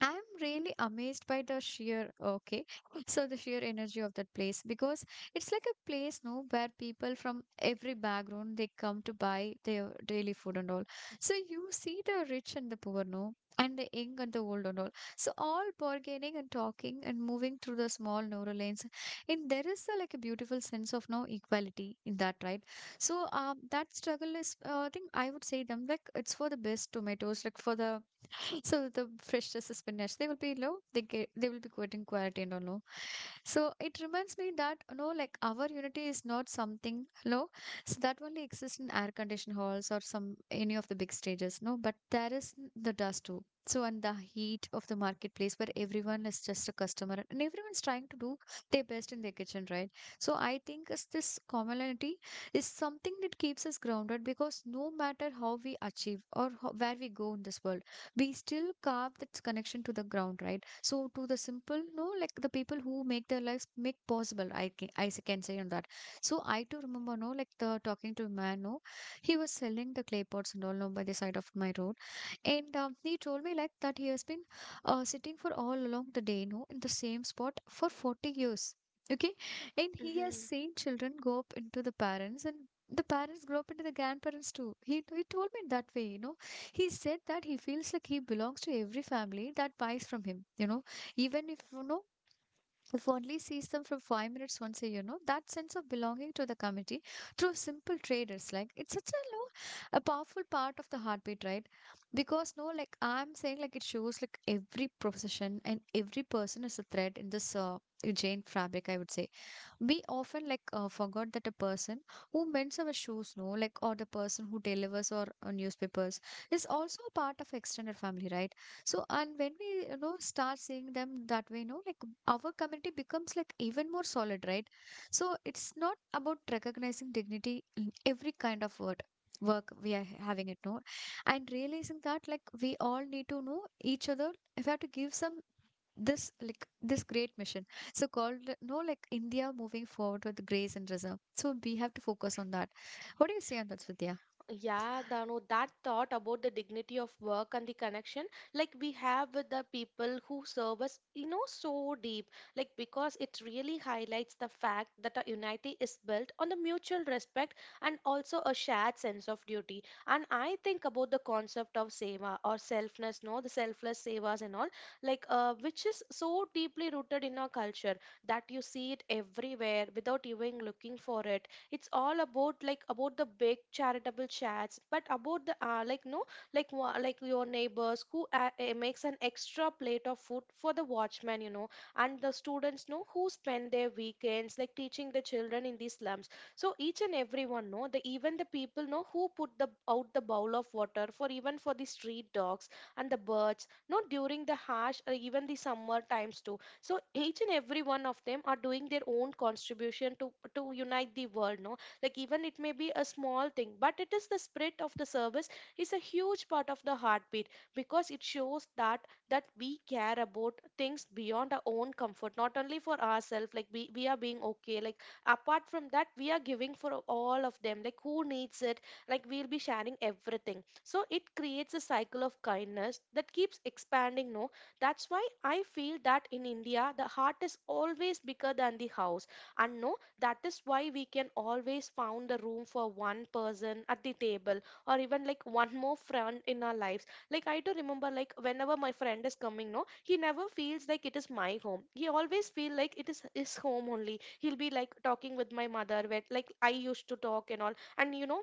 S1: I'm really amazed by the sheer, okay, so the sheer energy of that place because it's like a place, no, where people from every background they come to buy their daily food and all. So you see the rich and the poor, no, and the young and the old and all. So all bargaining and talking and moving through the small narrow lanes, and there is a, like a beautiful sense of no equality in that, right? So that struggle is, I think I would say them like it's for the best tomatoes, like for the so the freshness is spinach. They will be low. They will be good in quality and all. No. So it reminds me that, you know, like our unity is not something low. So that only exists in air conditioned halls or some any of the big stages. No, but there is the dust too. So and the heat of the marketplace where everyone is just a customer and everyone's trying to do their best in their kitchen, right? So I think is this commonality is something that keeps us grounded because no matter how we achieve or where we go in this world we still carve that connection to the ground, right? So to the simple, no, like the people who make their lives make possible, I can, can say on that. So I too remember, no, like the talking to a man, no, he was selling the clay pots and all, no, by the side of my road, and he told me like that he has been sitting for all along the day, no, in the same spot for 40 years. Okay, and he has seen children go up into the parents and the parents grow up into the grandparents too. He told me that way, you know. He said that he feels like he belongs to every family that buys from him, you know, even if, you know, if only sees them from 5 minutes once a year, you know, that sense of belonging to the committee through simple traders, like it's such a you a powerful part of the heartbeat, right? Because no, like I'm saying, like it shows like every profession and every person is a thread in this Jane fabric, I would say we often forgot that a person who mends our shoes, no, like or the person who delivers our newspapers is also a part of extended family, right? So and when we, you know, start seeing them that way, no, like our community becomes like even more solid, right? So it's not about recognizing dignity in every kind of word work we are having it, no, and realizing that like we all need to know each other. If I have to give some this like this great mission so called, no, like India moving forward with grace and reserve, so we have to focus on that. What do you say on that, Svidya?
S2: Yeah, Dano, that thought about the dignity of work and the connection like we have with the people who serve us, you know, so deep. Like because it really highlights the fact that a unity is built on the mutual respect and also a shared sense of duty. And I think about the concept of seva or selfless, no, the selfless sevas and all, which is so deeply rooted in our culture that you see it everywhere without even looking for it. It's all about like about the big charitable chats but about the like no, like like your neighbors who makes an extra plate of food for the watchman, you know, and the students know who spend their weekends like teaching the children in these slums. So each and everyone know, the even the people know who put the out the bowl of water for even for the street dogs and the birds, not during the harsh or even the summer times too. So each and every one of them are doing their own contribution to unite the world, no. Like, even it may be a small thing, but it is the spirit of the service is a huge part of the heartbeat, because it shows that we care about things beyond our own comfort, not only for ourselves. Like we are being okay, like apart from that we are giving for all of them like who needs it. Like we'll be sharing everything, so it creates a cycle of kindness that keeps expanding, no. That's why I feel that in India, the heart is always bigger than the house. And no, that is why we can always found a room for one person at the table, or even like one more friend in our lives. Like, I do remember, like whenever my friend is coming, no, he never feels like it is my home. He always feel like it is his home only. He'll be like talking with my mother when like I used to talk and all. And you know,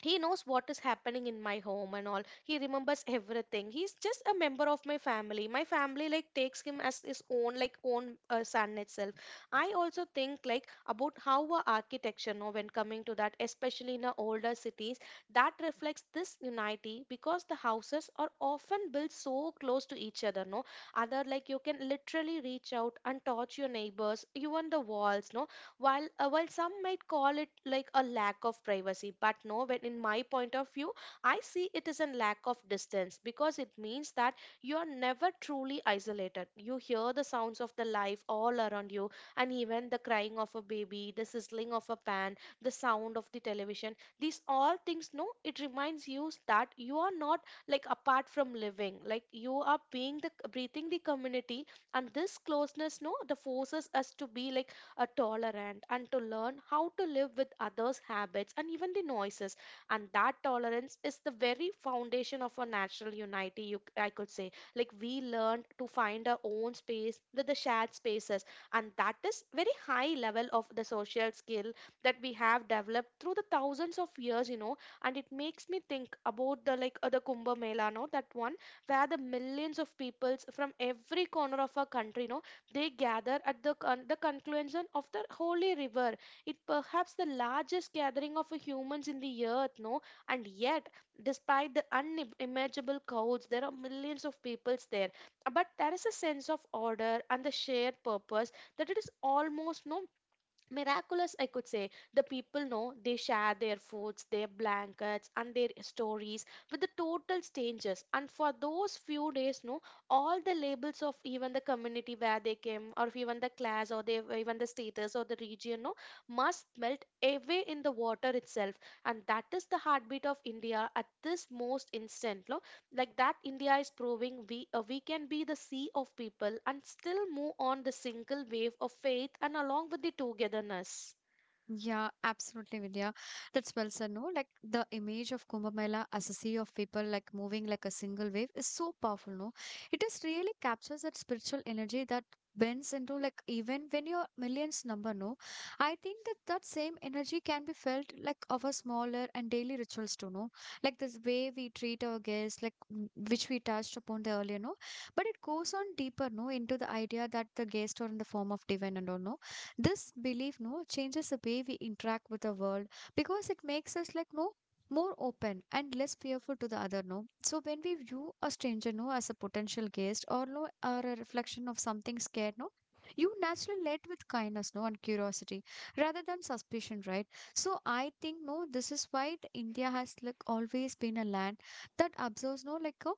S2: he knows what is happening in my home and all. He remembers everything. He's just a member of my family. My family like takes him as his own, like own son itself. I also think like about how our architecture now when coming to that, especially in the older cities, that reflects this unity because the houses are often built so close to each other no other like you can literally reach out and touch your neighbors, even the walls, no. While while some might call it like a lack of privacy, but no, when in my point of view, I see it is a lack of distance, because it means that you are never truly isolated. You hear the sounds of the life all around you, and even the crying of a baby, the sizzling of a pan, the sound of the television, these all things, no, it reminds you that you are not like apart from living, like you are being the breathing the community. And this closeness, no, the forces us to be like tolerant and to learn how to live with others' habits and even the noises. And that tolerance is the very foundation of our natural unity, you, I could say. Like we learned to find our own space with the shared spaces. And that is very high level of the social skill that we have developed through the thousands of years, you know. And it makes me think about the the Kumbh Mela, no, that one where the millions of peoples from every corner of our country, no, they gather at the the confluence of the holy river. It perhaps the largest gathering of humans in the earth, no? And yet, despite the unimaginable crowds, there are millions of peoples there. But there is a sense of order and the shared purpose that it is almost no miraculous, I could say. The people know they share their foods, their blankets, and their stories with the total strangers, and for those few days, no, all the labels of even the community where they came, or even the class, or they even the status or the region, no, must melt away in the water itself. And that is the heartbeat of India at this most instant, no. Like that, India is proving we can be the sea of people and still move on the single wave of faith and along with the togetherness.
S1: Yeah, absolutely, Vidya. That's well said. No, like the image of Kumbh Mela as a sea of people, like moving like a single wave, is so powerful. No, it just really captures that spiritual energy that bends into like even when your millions number. No, I think that that same energy can be felt like of our smaller and daily rituals too. No, like this way we treat our guests, like mm, which we touched upon the earlier. No, but it goes on deeper. No, into the idea that the guests are in the form of divine and all. No, this belief, no, changes the way we interact with the world because it makes us like no more open and less fearful to the other, no, so when we view a stranger, no, as a potential guest or no or a reflection of something scared, no, you naturally led with kindness, no, and curiosity rather than suspicion, right? So I think, no, this is why the India has like always been a land that observes, no, like a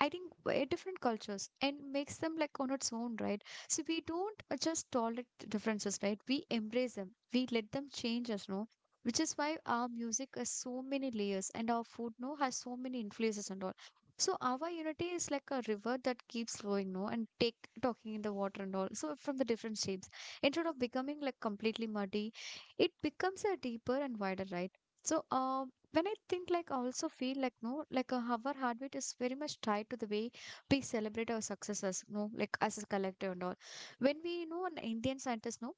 S1: I think different cultures and makes them like on its own, right? So we don't just tolerate the differences, right? We embrace them. We let them change us, no? Which is why our music has so many layers and our food, no, has so many influences and all. So our unity is like a river that keeps flowing, no, and take talking in the water and all. So from the different shapes, instead of becoming like completely muddy, it becomes a deeper and wider, right? So when I think like I also feel like no, like our heartbeat is very much tied to the way we celebrate our successes, no, like as a collective and all. When we, you know, an Indian scientist, no,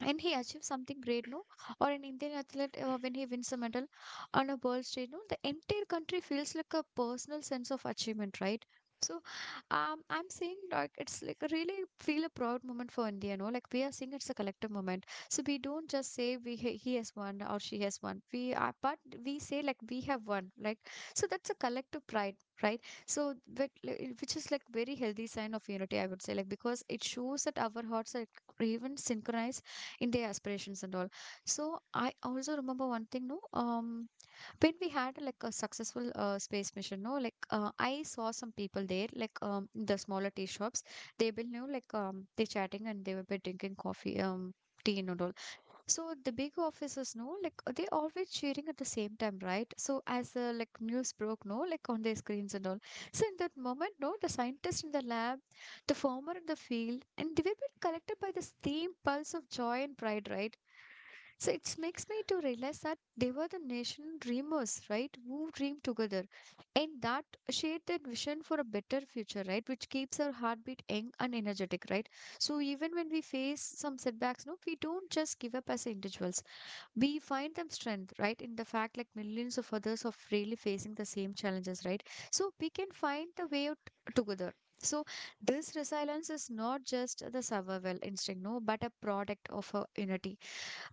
S1: and he achieved something great, no, or an Indian athlete when he wins a medal on a world stage, no, the entire country feels like a personal sense of achievement, right? So I'm saying like it's like a really feel a proud moment for India, no, like we are seeing it's a collective moment, so we don't just say we he has won or she has won we are but we say like we have won like so that's a collective pride, right? So but, like, which is like very healthy sign of unity, I would say, like because it shows that our hearts are even synchronized India aspirations and all. So I also remember one thing, no, when we had like a successful space mission, no, like I saw some people there, in the smaller tea shops, they will know, they chatting and they will be drinking coffee, tea and all. So the big officers know, like they always cheering at the same time, right? So as the like news broke, no, like on their screens and all. So in that moment, no, the scientists in the lab, the farmer in the field, and they were being collected by the same pulse of joy and pride, right? So it makes me to realize that they were the nation dreamers, right? Who dreamed together and that shared that vision for a better future, right? Which keeps our heartbeat young and energetic, right? So even when we face some setbacks, no, we don't just give up as individuals. We find them strength, right? In the fact, like millions of others of really facing the same challenges, right? So we can find the way out together. So this resilience is not just the survival instinct, no, but a product of a unity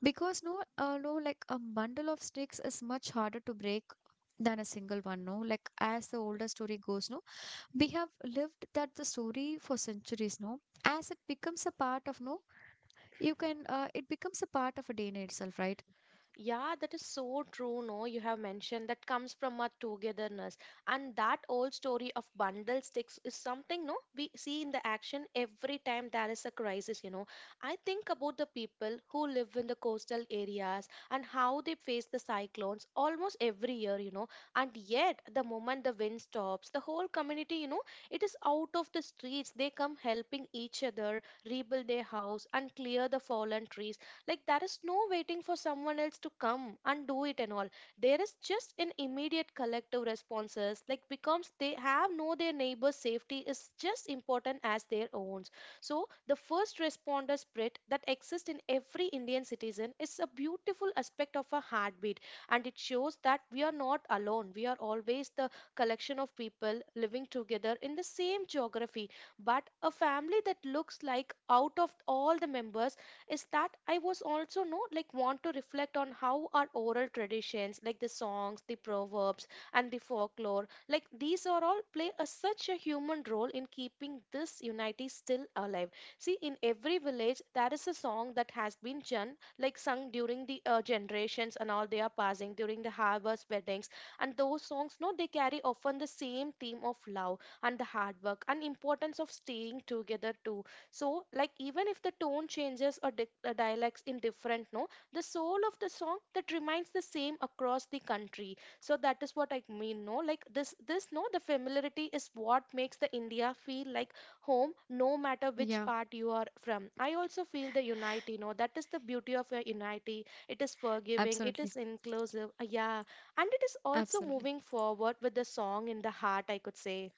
S1: because no, no, like a bundle of sticks is much harder to break than a single one, no? Like as the older story goes, no, we have lived that the story for centuries, no? As it becomes a part of, no, you can, it becomes a part of a DNA itself, right?
S2: Yeah, that is so true. No, you have mentioned that comes from our togetherness, and that old story of bundle sticks is something, no, we see in the action every time there is a crisis. You know, I think about the people who live in the coastal areas and how they face the cyclones almost every year. You know, and yet the moment the wind stops, the whole community, you know, it is out of the streets. They come helping each other rebuild their house and clear the fallen trees. Like there is no waiting for someone else to come and do it and all. There is just an immediate collective responses, like becomes they have know their neighbor's safety is just important as their own. So the first responder spirit that exists in every Indian citizen is a beautiful aspect of a heartbeat, and it shows that we are not alone. We are always the collection of people living together in the same geography. But a family that looks like out of all the members, is that I was also no like want to reflect on how our oral traditions, like the songs, the proverbs and the folklore, like these are all play a, such a human role in keeping this unity still alive. See, in every village there is a song that has been like sung during the generations and all. They are passing during the harvest weddings, and those songs, no, they carry often the same theme of love and the hard work and importance of staying together too. So, like, even if the tone changes or dialects in different, no, the soul of the song that remains the same across the country. So that is what I mean, no, like this, no, the familiarity is what makes the India feel like home, no matter which
S1: Yeah,
S2: part you are from. I also feel the unity, no, that is the beauty of your unity. It is forgiving, it
S1: absolutely.
S2: is inclusive, yeah, and it is also
S1: Absolutely.
S2: moving forward with the song in the heart, I could say.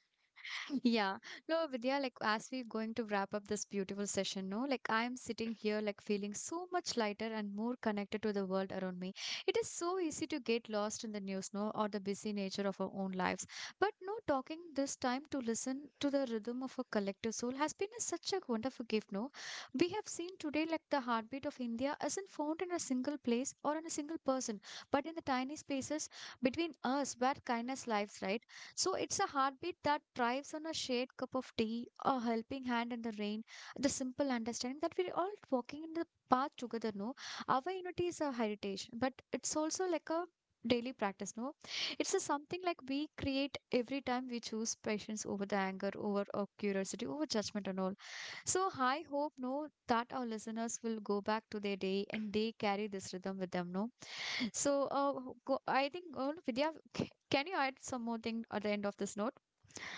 S1: Yeah. No, Vidya, like as we're going to wrap up this beautiful session, no, like I'm sitting here like feeling so much lighter and more connected to the world around me. It is so easy to get lost in the news, no, or the busy nature of our own lives. But no, talking this time to listen to the rhythm of a collective soul has been a, such a wonderful gift, no. We have seen today like the heartbeat of India isn't found in a single place or in a single person, but in the tiny spaces between us where kindness lives, right? So it's a heartbeat that thrives on a shared cup of tea, a helping hand in the rain, the simple understanding that we're all walking in the path together, no? Our unity is a heritage, but it's also like a daily practice, no? It's a something like we create every time we choose patience over the anger, over our curiosity, over judgment and all. So I hope, no, that our listeners will go back to their day and they carry this rhythm with them, no? So, go, I think, Vidya, can you add some more thing at the end of this note?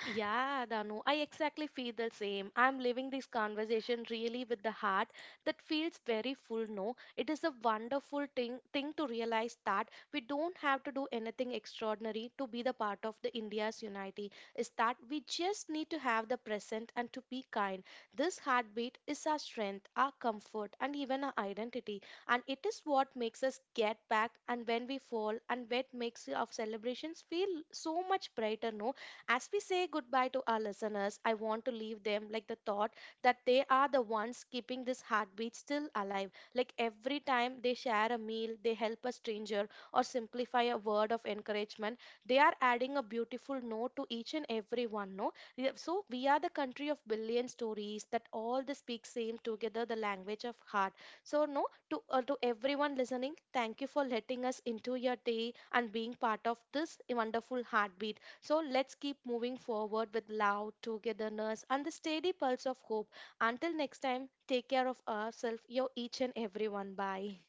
S2: Yeah, Danu, I exactly feel the same. I'm living this conversation really with the heart that feels very full. No, it is a wonderful thing to realize that we don't have to do anything extraordinary to be the part of the India's unity. Is that we just need to have the present and to be kind. This heartbeat is our strength, our comfort, and even our identity, and it is what makes us get back and when we fall and what makes our celebrations feel so much brighter. No, as we say goodbye to our listeners, I want to leave them like the thought that they are the ones keeping this heartbeat still alive. Like every time they share a meal, they help a stranger, or simplify a word of encouragement, they are adding a beautiful note to each and every one. No, we- so we are the country of billion stories that all the speak same together the language of heart. So no, to to everyone listening, thank you for letting us into your day and being part of this wonderful heartbeat. So let's keep moving forward with love, togetherness, and the steady pulse of hope. Until next time, take care of ourselves, your each and everyone. Bye.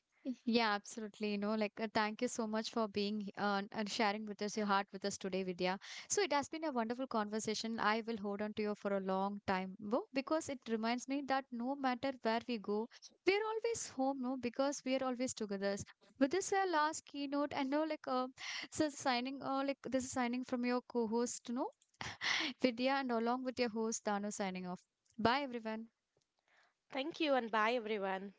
S1: Yeah, absolutely. You know, like, thank you so much for and sharing with us your heart with us today, Vidya. So, it has been a wonderful conversation. I will hold on to you for a long time, Bo, because it reminds me that no matter where we go, we are always home, no, because we are always together. With this, our last keynote, and now, like, so signing, like, this is signing from your co host, no. Vidya and along with your host Dano signing off. Bye everyone.
S2: Thank you and bye, everyone.